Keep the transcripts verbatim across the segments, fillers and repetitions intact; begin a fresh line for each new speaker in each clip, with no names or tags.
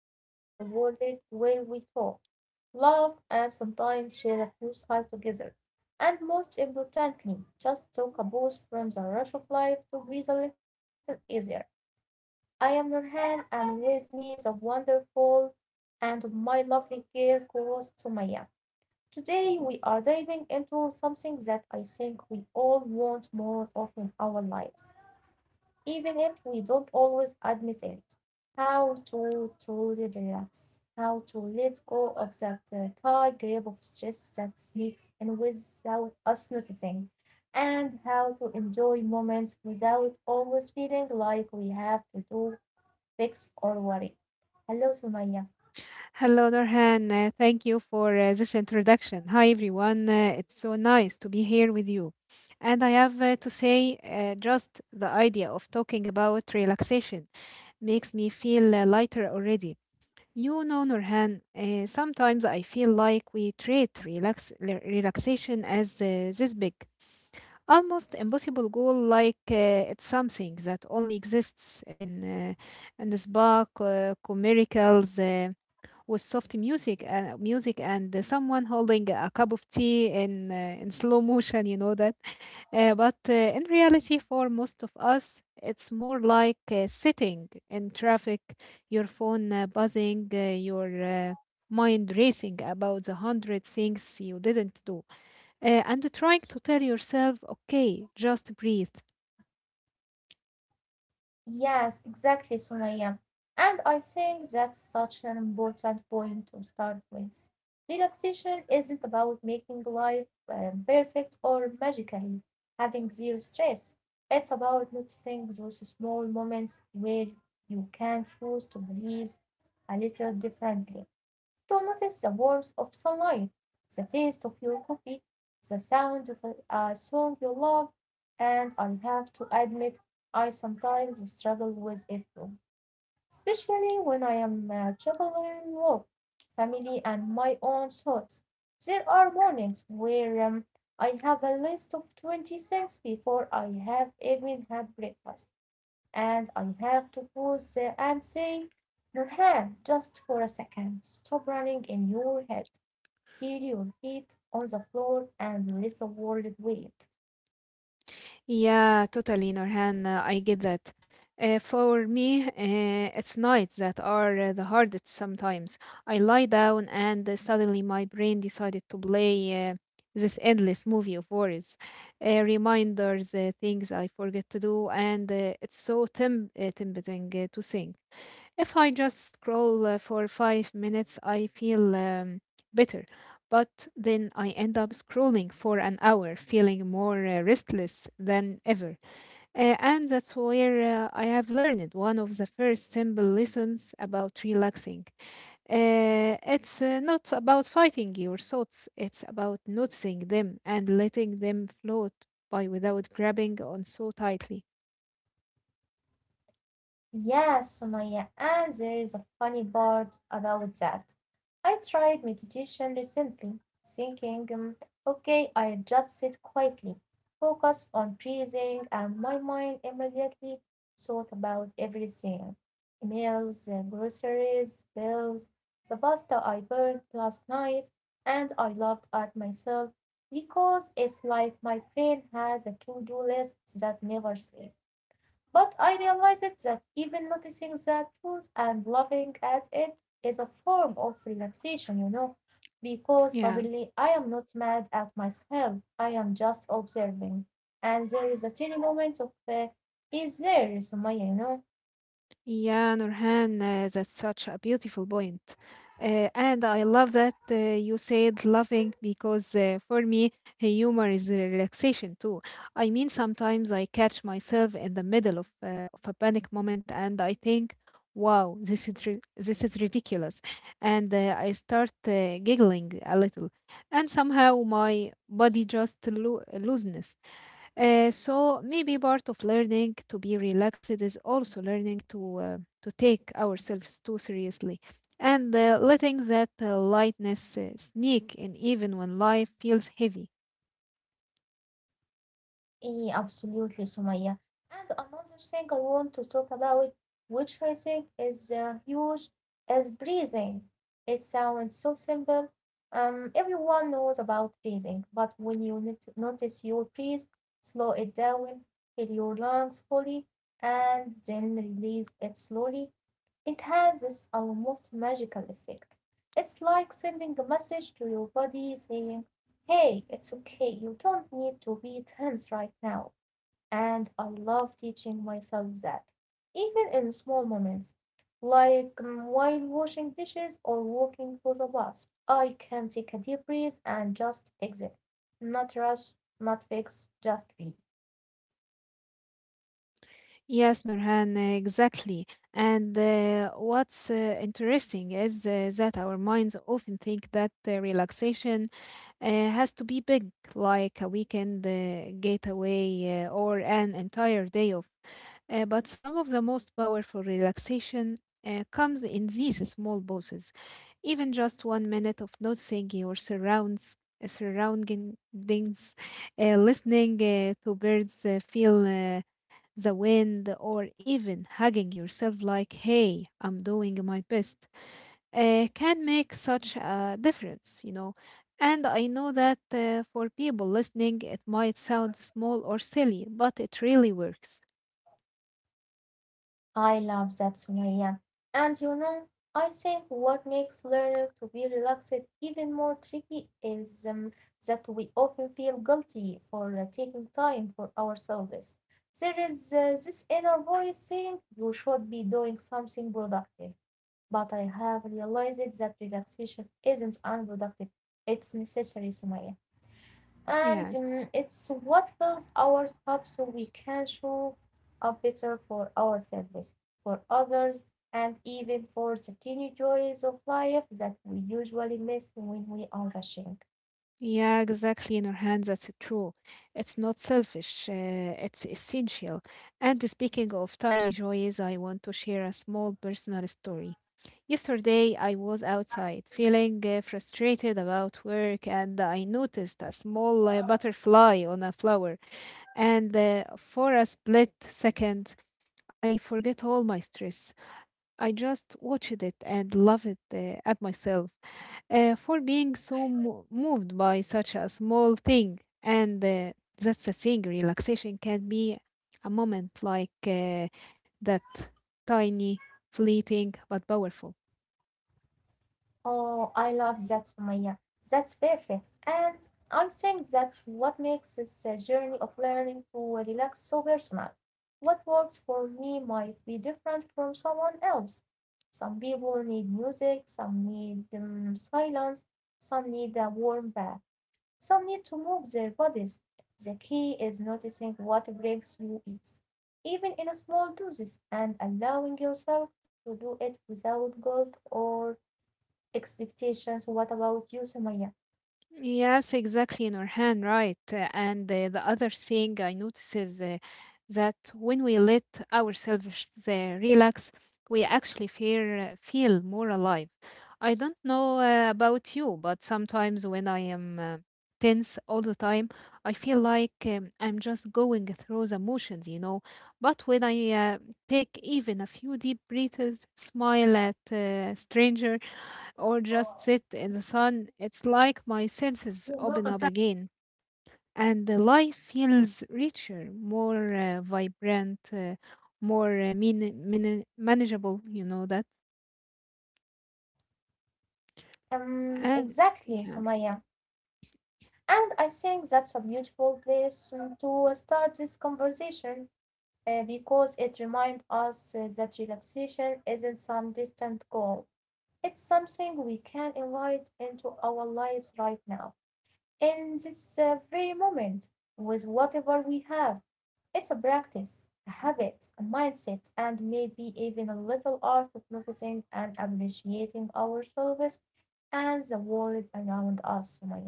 corner of the world where we talk, laugh, and sometimes share a few sights together. And most importantly, just take a about from the rush of life to breathe a little easier. I am Nurhan, and with me is a wonderful and my lovely girl co-host Sumaya. Today, we are diving into something that I think we all want more of in our lives even if we don't always admit it. How to truly relax, how to let go of that uh, tight grip of stress that sneaks in without us noticing, and how to enjoy moments without always feeling like we have to do, fix, or worry. Hello, Sumaya.
Hello, Norhan. Uh, thank you for uh, this introduction. Hi, everyone. Uh, it's so nice to be here with you. And I have uh, to say, uh, just the idea of talking about relaxation makes me feel uh, lighter already. You know, Norhan, uh, sometimes I feel like we treat relax le- relaxation as uh, this big, almost impossible goal, like uh, it's something that only exists in uh, in the spa, uh, miracles with soft music and music and uh, someone holding a cup of tea in uh, in slow motion, you know that. uh, but uh, in reality, for most of us, it's more like uh, sitting in traffic, your phone uh, buzzing, uh, your uh, mind racing about the hundred things you didn't do, uh, and trying to tell yourself, okay, just breathe.
Yes, exactly, Sumaya. And I think that's such an important point to start with. Relaxation isn't about making life um, perfect or magically having zero stress. It's about noticing those small moments where you can choose to breathe a little differently. To notice the warmth of sunlight, the taste of your coffee, the sound of a song you love, and I have to admit I sometimes struggle with it too, especially when I am uh, juggling work, family, and my own thoughts. There are mornings where um, I have a list of twenty things before I have even had breakfast. And I have to pause uh, and say, Nurhan, just for a second, stop running in your head, feel your feet on the floor, and let the world wait.
Yeah, totally, Norhan. uh, I get that. Uh, for me, uh, it's nights that are uh, the hardest sometimes. I lie down, and uh, suddenly my brain decided to play uh, this endless movie of worries, uh, reminders, uh, things I forget to do, and uh, it's so temp- uh, tempting uh, to think, if I just scroll uh, for five minutes, I feel um, better. But then I end up scrolling for an hour, feeling more uh, restless than ever. Uh, and that's where uh, I have learned one of the first simple lessons about relaxing. Uh, it's uh, not about fighting your thoughts, it's about noticing them and letting them float by without grabbing on so tightly.
Yeah, Sumaya, and there is a funny part about that. I tried meditation recently, thinking, um, okay, I just sit quietly, focus on breathing, and my mind immediately thought about everything emails, the groceries, bills, the pasta I burned last night, and I laughed at myself because it's like my brain has a to do list that never sleeps. But I realized that even noticing the truth and laughing at it is a form of relaxation, you know, because
Yeah.
suddenly I am not mad at myself, I am just observing, and there is a tiny moment of uh, ease there, Sumaya, you know.
Yeah, Nurhan, uh, that's such a beautiful point. Uh, and I love that uh, you said loving, because uh, for me, humor is a relaxation too. I mean, sometimes I catch myself in the middle of, uh, of a panic moment, and I think, wow, this is, ri- this is ridiculous. And uh, I start uh, giggling a little. And somehow my body just lo- loosens. Uh, so maybe part of learning to be relaxed is also learning to uh, to take ourselves too seriously and uh, letting that uh, lightness uh, sneak in even when life feels heavy.
Eh, Absolutely, Sumaya. And another thing I want to talk about, which I think is uh, huge, is breathing. It sounds so simple. Um, everyone knows about breathing, but when you nit- notice your breathe, slow it down, fill your lungs fully, and then release it slowly, it has this almost magical effect. It's like sending a message to your body saying, hey, it's okay. You don't need to be tense right now. And I love teaching myself that, even in small moments, like mm, while washing dishes or walking to the bus, I can take a deep breath and just exit. Not rush, not fix, just be.
Yes, Nurhan, uh, exactly. And uh, what's uh, interesting is uh, that our minds often think that uh, relaxation uh, has to be big, like a weekend uh, getaway uh, or an entire day off. Uh, but some of the most powerful relaxation uh, comes in these small pauses. Even just one minute of noticing your surrounds, uh, surroundings, uh, listening uh, to birds, uh, feel uh, the wind, or even hugging yourself like, hey, I'm doing my best, uh, can make such a difference, you know. And I know that uh, for people listening, it might sound small or silly, but it really works.
I love that, Sunaya. And you know, I think what makes learning to be relaxed even more tricky is um, that we often feel guilty for uh, taking time for ourselves. There is uh, this inner voice saying you should be doing something productive. But I have realized that relaxation isn't unproductive, it's necessary, Sumaya. And
Yes.
um, it's what fills our cup so we can show up better for ourselves, for others, and even for the tiny joys of life that we usually miss when we are rushing.
Yeah, exactly, Nurhan. That's true. It's not selfish, uh, it's essential. And speaking of tiny joys, I want to share a small personal story. Yesterday, I was outside feeling uh, frustrated about work, and I noticed a small uh, butterfly on a flower. And uh, for a split second, I forget all my stress. I just watched it and loved it uh, at myself uh, for being so mo- moved by such a small thing. And uh, that's the thing, relaxation can be a moment like uh, that, tiny, fleeting, but powerful.
Oh, I love that, Sumaya. That's perfect. And I think that's what makes this uh, journey of learning to relax so personal. What works for me might be different from someone else. Some people need music, some need um, silence, some need a warm bath, some need to move their bodies. The key is noticing what breaks you is, even in a small doses, and allowing yourself to do it without guilt or expectations. What about you, Sumaya?
Yes, exactly, Nurhan, right. Uh, And uh, the other thing I notice is uh, that when we let ourselves uh, relax, we actually feel, feel more alive. I don't know uh, about you, but sometimes when I am uh, tense all the time, I feel like um, I'm just going through the motions, you know. But when I uh, take even a few deep breaths, smile at uh, strangers, or just sit in the sun, it's like my senses open up again and the life feels richer, more uh, vibrant, uh, more uh, mean, mean, manageable, you know that.
Um,
And
exactly,
yeah.
Sumaya. And I think that's a beautiful place um, to start this conversation uh, because it reminds us uh, that relaxation isn't some distant goal. It's something we can invite into our lives right now, in this uh, very moment, with whatever we have. It's a practice, a habit, a mindset, and maybe even a little art of noticing and appreciating ourselves and the world around us, Sumaya.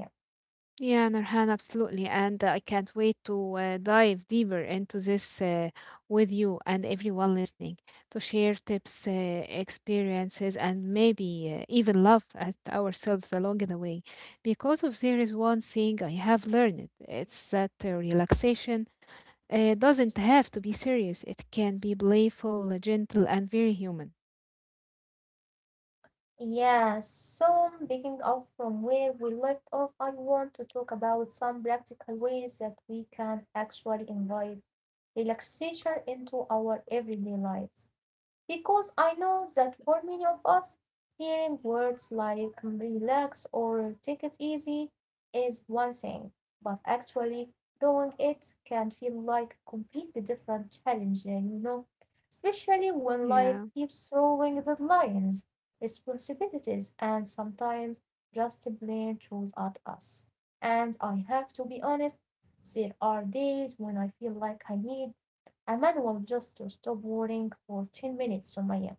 Yeah, Nurhan, absolutely. And uh, I can't wait to uh, dive deeper into this uh, with you and everyone listening, to share tips, uh, experiences, and maybe uh, even laugh at ourselves along the way. Because if there is one thing I have learned, it's that uh, relaxation uh, doesn't have to be serious, it can be playful, gentle, and very human.
Yeah, so picking up from where we left off, I want to talk about some practical ways that we can actually invite relaxation into our everyday lives. Because I know that for many of us, hearing words like relax or take it easy is one thing, but actually doing it can feel like a completely different challenge, you know, especially when life
Yeah.
keeps throwing deadlines, responsibilities, and sometimes just plain truth at us. And I have to be honest, there are days when I feel like I need a manual just to stop worrying for ten minutes, Sumaya.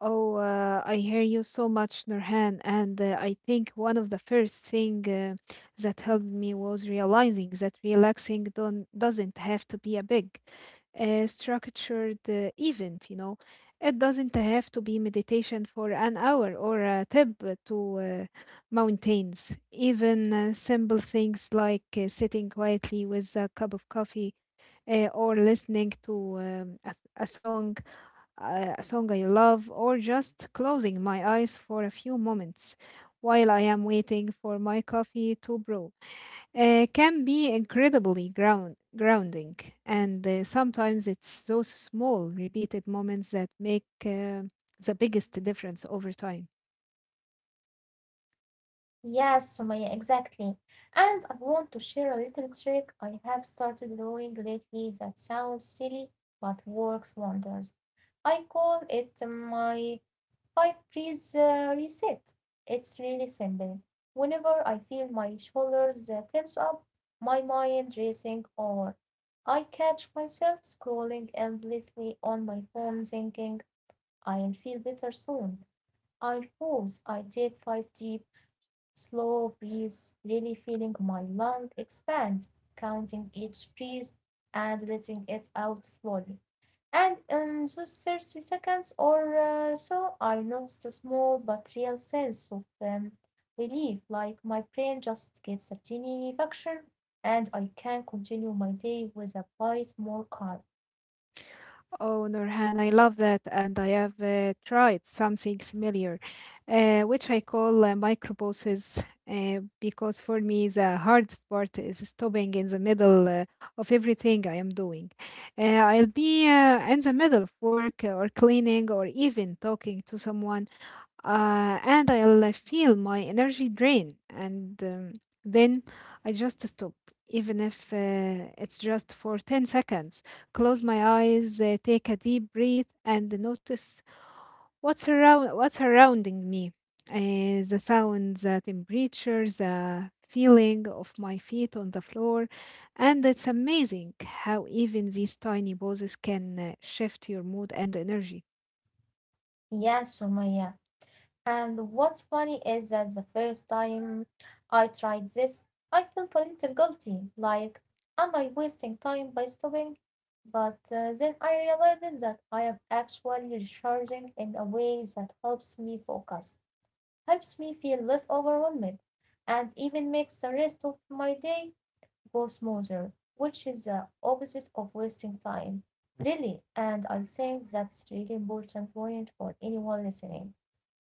Oh, uh, I hear you so much, Nurhan. And uh, I think one of the first thing uh, that helped me was realizing that relaxing don't, doesn't have to be a big, uh, structured uh, event, you know. It doesn't have to be meditation for an hour or a trip to uh, mountains. Even uh, simple things like uh, sitting quietly with a cup of coffee uh, or listening to um, a, a song a song I love, or just closing my eyes for a few moments while I am waiting for my coffee to brew, uh, can be incredibly ground grounding. And uh, sometimes it's those small, repeated moments that make uh, the biggest difference over time.
Yes, Sumaya, exactly. And I want to share a little trick I have started doing lately that sounds silly but works wonders. I call it my five breeze uh, reset. It's really simple. Whenever I feel my shoulders uh, tense up, my mind racing, or I catch myself scrolling endlessly on my phone thinking, I'll feel better soon. I pause. I take five deep, slow breaths, really feeling my lung expand, counting each breath and letting it out slowly. And um, so thirty seconds or uh, so, I noticed a small but real sense of um, relief, like my brain just gets a tiny function, and I can continue my day with a bit more calm.
Oh, Nurhan, I love that, and I have uh, tried something similar, uh, which I call uh, microposes, uh, because for me the hardest part is stopping in the middle uh, of everything I am doing. Uh, I'll be uh, in the middle of work or cleaning or even talking to someone, uh, and I'll feel my energy drain, and um, then I just stop, even if uh, it's just for ten seconds. Close my eyes, uh, take a deep breath, and notice what's around, what's surrounding me. Uh, the sounds, the temperature, the feeling of my feet on the floor, and it's amazing how even these tiny pauses can uh, shift your mood and energy.
Yes, Sumaya. And what's funny is that the first time I tried this, I felt a little guilty, like, am I wasting time by stopping? But uh, then I realized that I am actually recharging in a way that helps me focus, helps me feel less overwhelmed, and even makes the rest of my day go smoother, which is the opposite of wasting time, really, and I think that's really important point for anyone listening.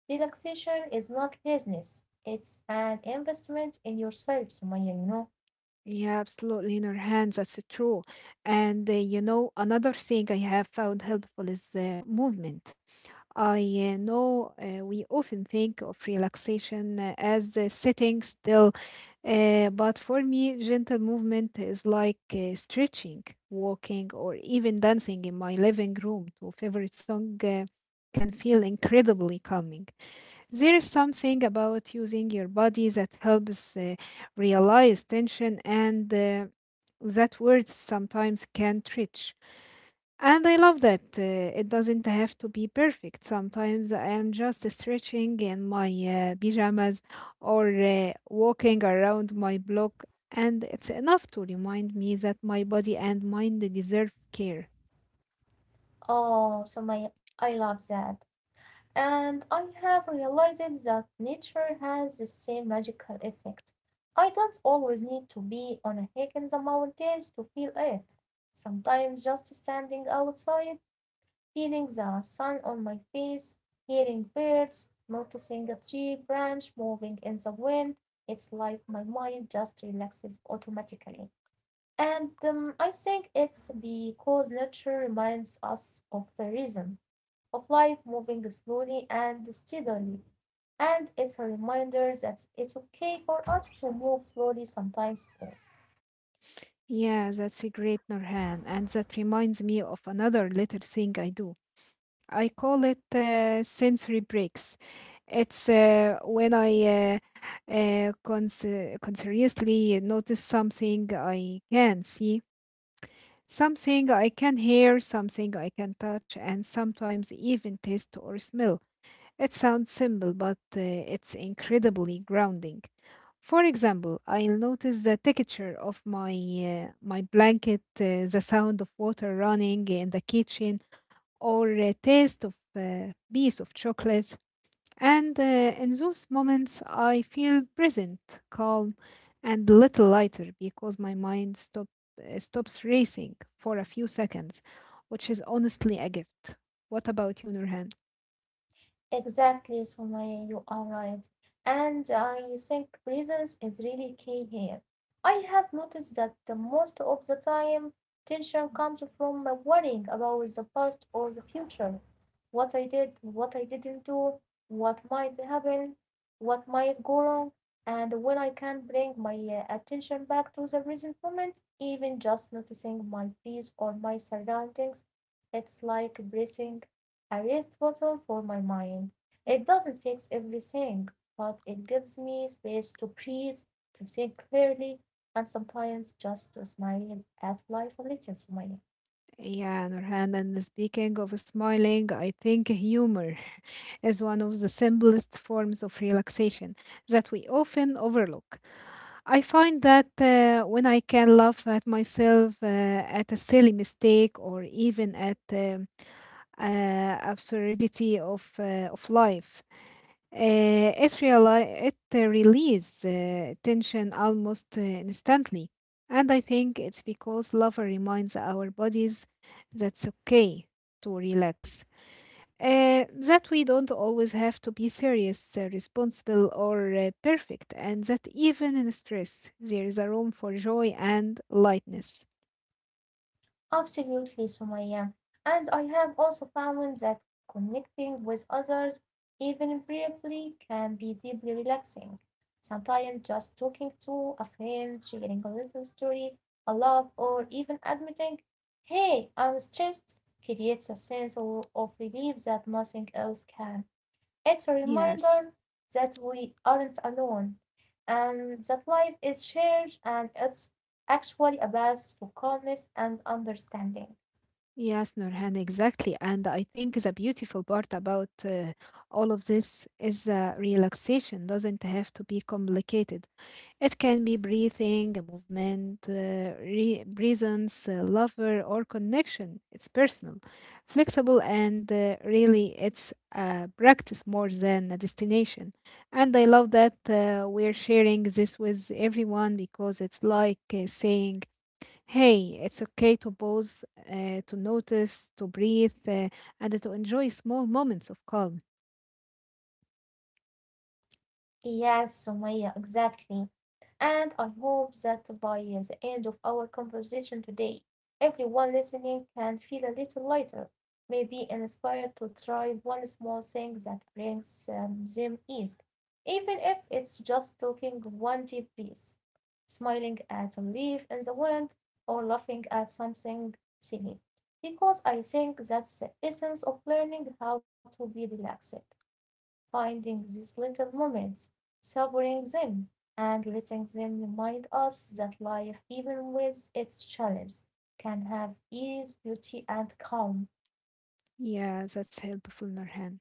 Relaxation is not business. It's an investment in yourself, Sumaya, you know.
Yeah, absolutely, in our hands, that's true. And uh, you know, another thing I have found helpful is uh, movement. I uh, know uh, we often think of relaxation uh, as uh, sitting still, uh, but for me, gentle movement is like uh, stretching, walking, or even dancing in my living room to favorite song uh, can feel incredibly calming. There is something about using your body that helps uh, realize tension and uh, that words sometimes can't reach. And I love that uh, it doesn't have to be perfect. Sometimes I am just stretching in my uh, pajamas or uh, walking around my block, and it's enough to remind me that my body and mind deserve care.
Oh, Sumaya, I love that. And I have realized that nature has the same magical effect. I don't always need to be on a hike in the mountains to feel it. Sometimes just standing outside feeling the sun on my face, hearing birds, noticing a tree branch moving in the wind. It's like my mind just relaxes automatically. And um, I think it's because nature reminds us of the rhythm of life moving slowly and steadily. And it's a reminder that it's okay for us to move slowly sometimes too.
Yeah, that's a great, Norhan, and that reminds me of another little thing I do. I call it uh, sensory breaks. It's uh, when I uh, uh, cons- consciously notice something I can see, something I can hear, something I can touch, and sometimes even taste or smell. It sounds simple, but uh, it's incredibly grounding. For example, I'll notice the texture of my uh, my blanket, uh, the sound of water running in the kitchen, or a taste of a piece of chocolate. And uh, in those moments, I feel present, calm, and a little lighter because my mind stop, uh, stops racing for a few seconds, which is honestly a gift. What about you, Nurhan?
Exactly, Sumaya, you are right. And I think presence is really key here. I have noticed that the most of the time tension comes from worrying about the past or the future. What I did, what I didn't do, what might happen, what might go wrong. And when I can bring my uh, attention back to the present moment, even just noticing my peace or my surroundings, it's like breathing a rest button for my mind. It doesn't fix everything, but it gives me space to breathe, to think clearly, and sometimes just to smile at life a little, smile.
Yeah, Nurhan, and speaking of smiling, I think humor is one of the simplest forms of relaxation that we often overlook. I find that uh, when I can laugh at myself, uh, at a silly mistake, or even at the uh, absurdity of, uh, of life, Uh, it, reali- it uh, releases uh, tension almost uh, instantly. And I think it's because love reminds our bodies that's okay to relax, uh, that we don't always have to be serious, uh, responsible, or uh, perfect, and that even in stress, there is a room for joy and lightness.
Absolutely, Sumaya. And I have also found that connecting with others, even briefly, can be deeply relaxing. Sometimes just talking to a friend, sharing a little story, a laugh, or even admitting, hey, I'm stressed, creates a sense of, of relief that nothing else can. It's a
Yes.
reminder that we aren't alone and that life is shared and it's actually a path to calmness and understanding.
Yes, Nurhan, exactly. And I think the beautiful part about uh, all of this is uh, relaxation doesn't have to be complicated. It can be breathing, movement, uh, re- presence, uh, lover, or connection. It's personal, flexible, and uh, really it's a practice more than a destination. And I love that uh, we're sharing this with everyone because it's like uh, saying, hey, it's okay to pause, uh, to notice, to breathe, uh, and to enjoy small moments of calm.
Yes, Sumaya, exactly. And I hope that by the end of our conversation today everyone listening can feel a little lighter, maybe inspired to try one small thing that brings um, them ease, even if it's just taking one deep breath, smiling at a leaf in the wind, or laughing at something silly. Because I think that's the essence of learning how to be relaxed. Finding these little moments, savoring them, and letting them remind us that life, even with its challenges, can have ease, beauty, and calm.
Yeah, that's helpful, Nurhan.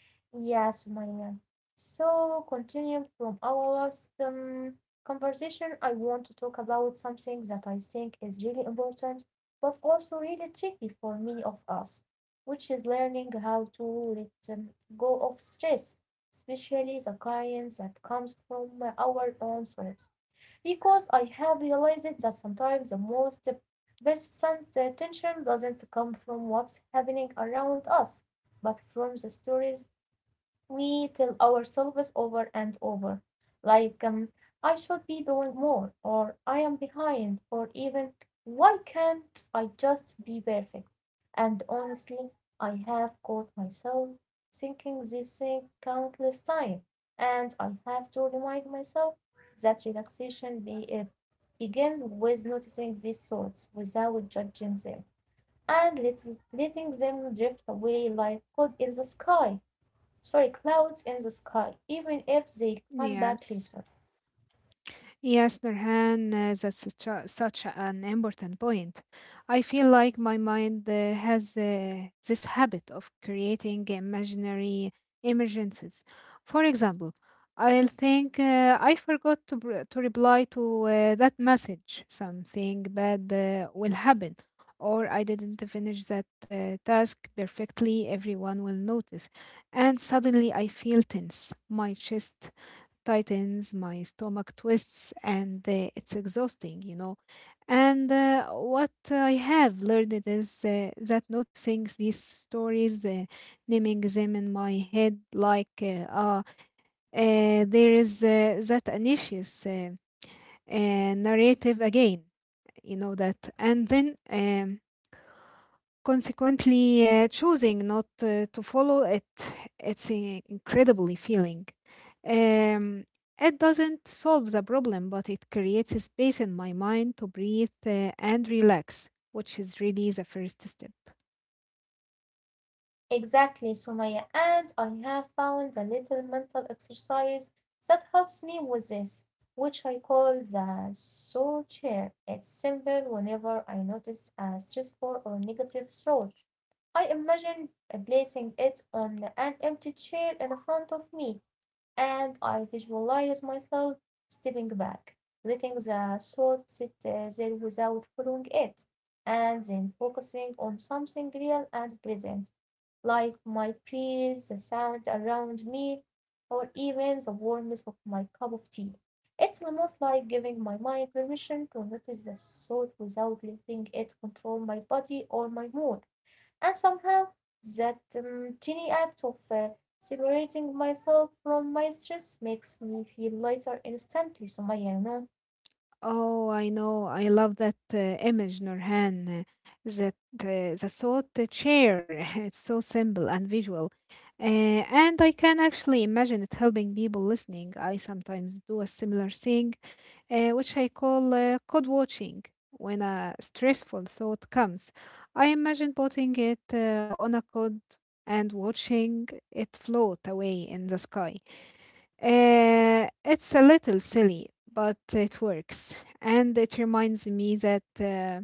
Yes, Maya. So, continuing from our last um, conversation, I want to talk about something that I think is really important, but also really tricky for many of us, which is learning how to let um, go of stress, especially the kind that comes from our own thoughts. Because I have realized that sometimes the most persistent tension doesn't come from what's happening around us, but from the stories we tell ourselves over and over, like, um, I should be doing more, or I am behind, or even, why can't I just be perfect? And honestly, I have caught myself thinking this thing countless times, and I have to remind myself that relaxation be, uh, begins with noticing these thoughts without judging them and let, letting them drift away like clouds in the sky sorry, clouds in the sky, even if they come back later.
Yes. Yes, Nurhan, uh, that's such, a, such an important point. I feel like my mind uh, has uh, this habit of creating imaginary emergencies. For example, I'll think uh, I forgot to, br- to reply to uh, that message, something bad uh, will happen, or I didn't finish that uh, task perfectly, everyone will notice. And suddenly I feel tense, my chest tightens, my stomach twists, and uh, it's exhausting, you know. And uh, what I have learned it is uh, that noticing these stories, uh, naming them in my head, like uh, uh, uh, there is uh, that anxious uh, uh, narrative again, you know that, and then. Um, Consequently, uh, choosing not uh, to follow it, it's uh, incredibly feeling. Um, it doesn't solve the problem, but it creates a space in my mind to breathe uh, and relax, which is really the first step.
Exactly, Sumaya, and I have found a little mental exercise that helps me with this, which I call the soul chair. It's simple whenever I notice a stressful or negative thought. I imagined placing it on an empty chair in front of me, and I visualized myself stepping back, letting the thought sit uh, there without following it, and then focusing on something real and present, like my breath, the sound around me, or even the warmth of my cup of tea. It's almost like giving my mind permission to notice the thought without letting it control my body or my mood. And somehow that um, tiny act of uh, separating myself from my stress makes me feel lighter instantly, Sumaya, you know?
Oh, I know. I love that uh, image, Nurhan. uh, That uh, The thought chair. It's so simple and visual, uh, and I can actually imagine it helping people listening. I sometimes do a similar thing, uh, which I call uh, code watching. When a stressful thought comes, I imagine putting it uh, on a code and watching it float away in the sky. Uh, it's a little silly, but it works. And it reminds me that uh,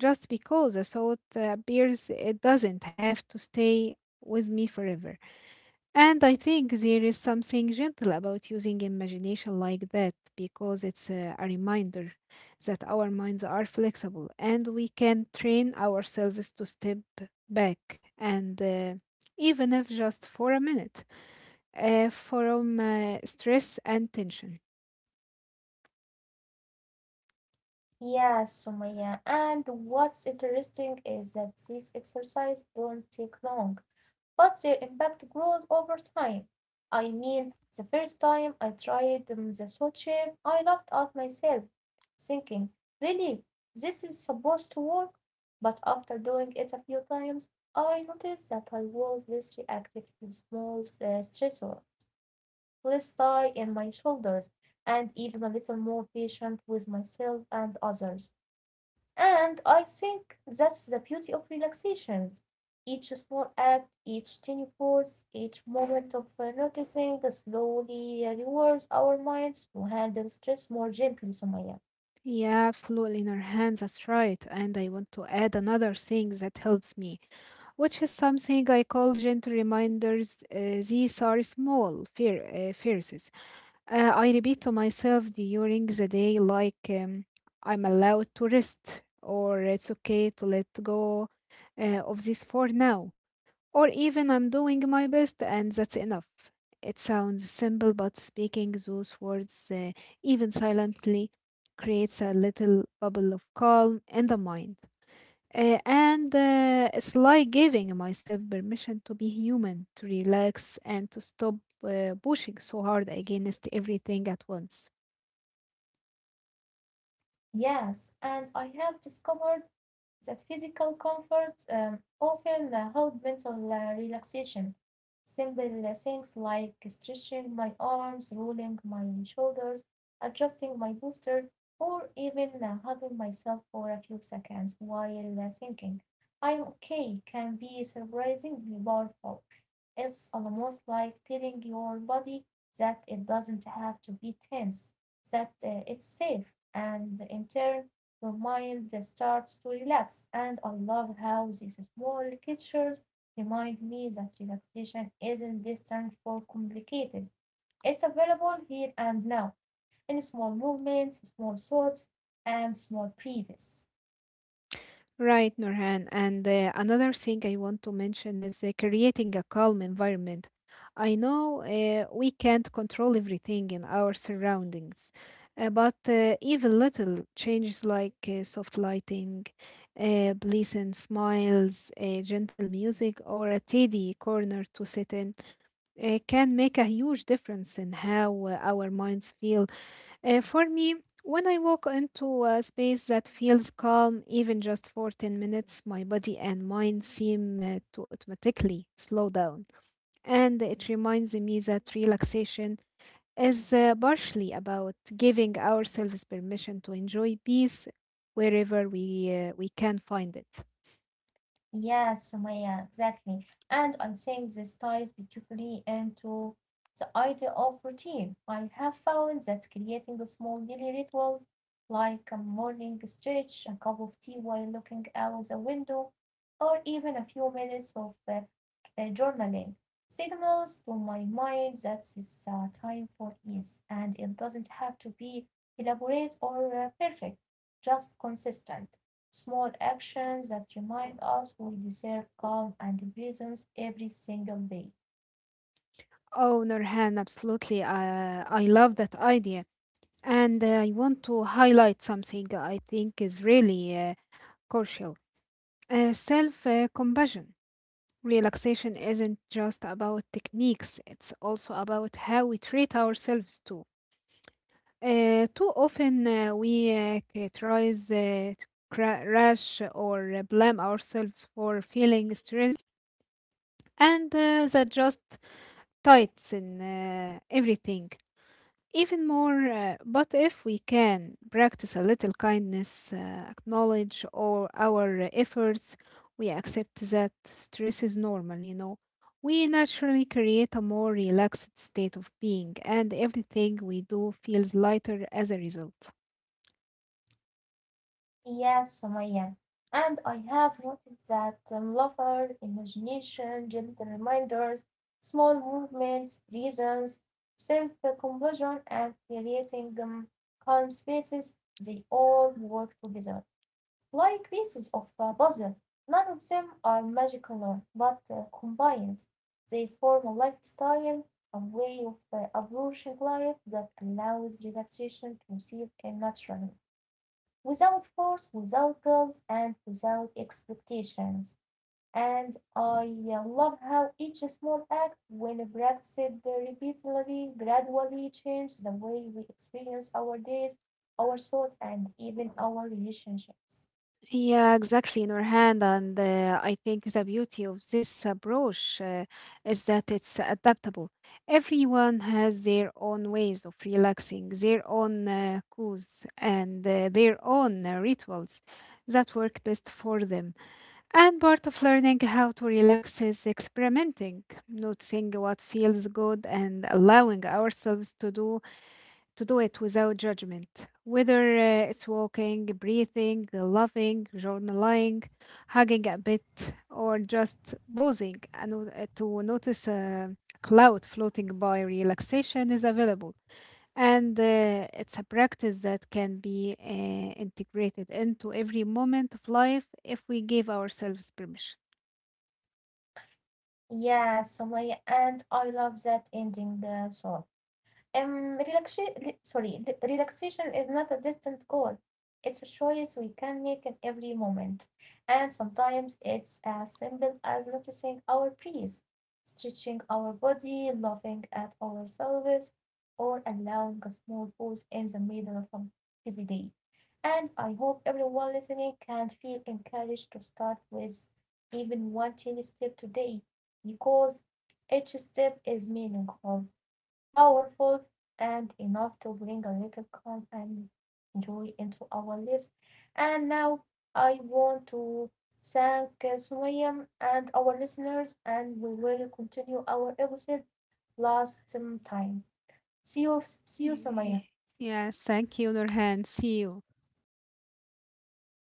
just because a thought uh, appears, it doesn't have to stay with me forever. And I think there is something gentle about using imagination like that because it's uh, a reminder that our minds are flexible and we can train ourselves to step back and uh, even if just for a minute uh, from uh, stress and tension.
Yeah, Sumaya. And what's interesting is that these exercises don't take long. But their impact grows over time. I mean, the first time I tried um, the sawchair I laughed at myself, thinking, really, this is supposed to work? But after doing it a few times, I noticed that I was less reactive to small uh, stressors, less tight in my shoulders, and even a little more patient with myself and others. And I think that's the beauty of relaxation. Each small act, each tiny pause, each moment of uh, noticing slowly rewards our minds to handle stress more gently, Sumaya.
Yeah, absolutely, in our hands. That's right. And I want to add another thing that helps me, which is something I call gentle reminders. Uh, these are small fear, uh, phrases. Uh, I repeat to myself during the day, like um, I'm allowed to rest, or it's okay to let go uh, of this for now. Or even I'm doing my best and that's enough. It sounds simple, but speaking those words, uh, even silently, creates a little bubble of calm in the mind. Uh, and uh, It's like giving myself permission to be human, to relax, and to stop uh, pushing so hard against everything at once.
Yes, and I have discovered that physical comfort um, often uh, help mental uh, relaxation. Simple uh, things like stretching my arms, rolling my shoulders, adjusting my posture, or even uh, hugging myself for a few seconds while uh, thinking, I'm okay, can be surprisingly powerful. It's almost like telling your body that it doesn't have to be tense, that uh, it's safe, and in turn, your mind just starts to relax, and I love how these small gestures remind me that relaxation isn't distant or complicated. It's available here and now in small movements, small thoughts, and small breezes.
Right, Nurhan. And uh, another thing I want to mention is uh, creating a calm environment. I know uh, we can't control everything in our surroundings, uh, but uh, even little changes like uh, soft lighting, uh, pleasant smiles, uh, gentle music, or a tidy corner to sit in uh, can make a huge difference in how uh, our minds feel uh, for me, when I walk into a space that feels calm, even just for ten minutes, my body and mind seem uh, to automatically slow down. And it reminds me that relaxation is uh, partially about giving ourselves permission to enjoy peace wherever we, uh, we can find it.
Yeah, Sumaya, exactly. And I think this ties beautifully into the idea of routine. I have found that creating the small daily rituals, like a morning stretch, a cup of tea while looking out the window, or even a few minutes of uh, uh, journaling, signals to my mind that it's uh, time for ease. And it doesn't have to be elaborate or uh, perfect, just consistent small actions that remind us we deserve calm and presence every single day.
Oh, Nurhan, absolutely. Uh, I love that idea. And uh, I want to highlight something I think is really uh, crucial, uh, self uh, compassion. Relaxation isn't just about techniques, it's also about how we treat ourselves too. Uh, too often uh, we uh, criticize, uh, cra- rush, or uh, blame ourselves for feeling stressed, and uh, that just tightens uh, everything. Even more, uh, but if we can practice a little kindness, uh, acknowledge all our uh, efforts, we accept that stress is normal, you know. We naturally create a more relaxed state of being, and everything we do feels lighter as a result.
Yes, Sumaya. And I have noted that um, laughter, imagination, gentle reminders, small movements, reasons, self-compassion, and creating um, calm spaces, they all work together. Like pieces of a puzzle, none of them are magical, but uh, combined they form a lifestyle, a way of uh, approaching life that allows relaxation to seep in naturally, without force, without guilt, and without expectations. And I uh, love how each small act, when practiced repeatedly, gradually changes the way we experience our days, our thoughts, and even our relationships.
Yeah, exactly, Nurhan. And uh, I think the beauty of this approach uh, is that it's adaptable. Everyone has their own ways of relaxing, their own uh, cues, and uh, their own uh, rituals that work best for them. And part of learning how to relax is experimenting, noticing what feels good, and allowing ourselves to do to do it without judgment, whether uh, it's walking, breathing, loving, journaling, hugging a bit, or just pausing and w- uh, to notice a cloud floating by. Relaxation is available, and uh, it's a practice that can be uh, integrated into every moment of life if we give ourselves permission.
Yeah, Sumaya, and I love that ending uh, song. Um, relaxation, sorry, re- Relaxation is not a distant goal. It's a choice we can make in every moment, and sometimes it's as simple as noticing our breath, stretching our body, laughing at ourselves, or allowing a small pause in the middle of a busy day. And I hope everyone listening can feel encouraged to start with even one tiny step today because each step is meaningful, powerful, and enough to bring a little calm and joy into our lives. And now I want to thank Sumaya and our listeners, and we will continue our episode last um, time. See you, see you, Sumaya.
Y- Yes, thank you, Nurhan. See you.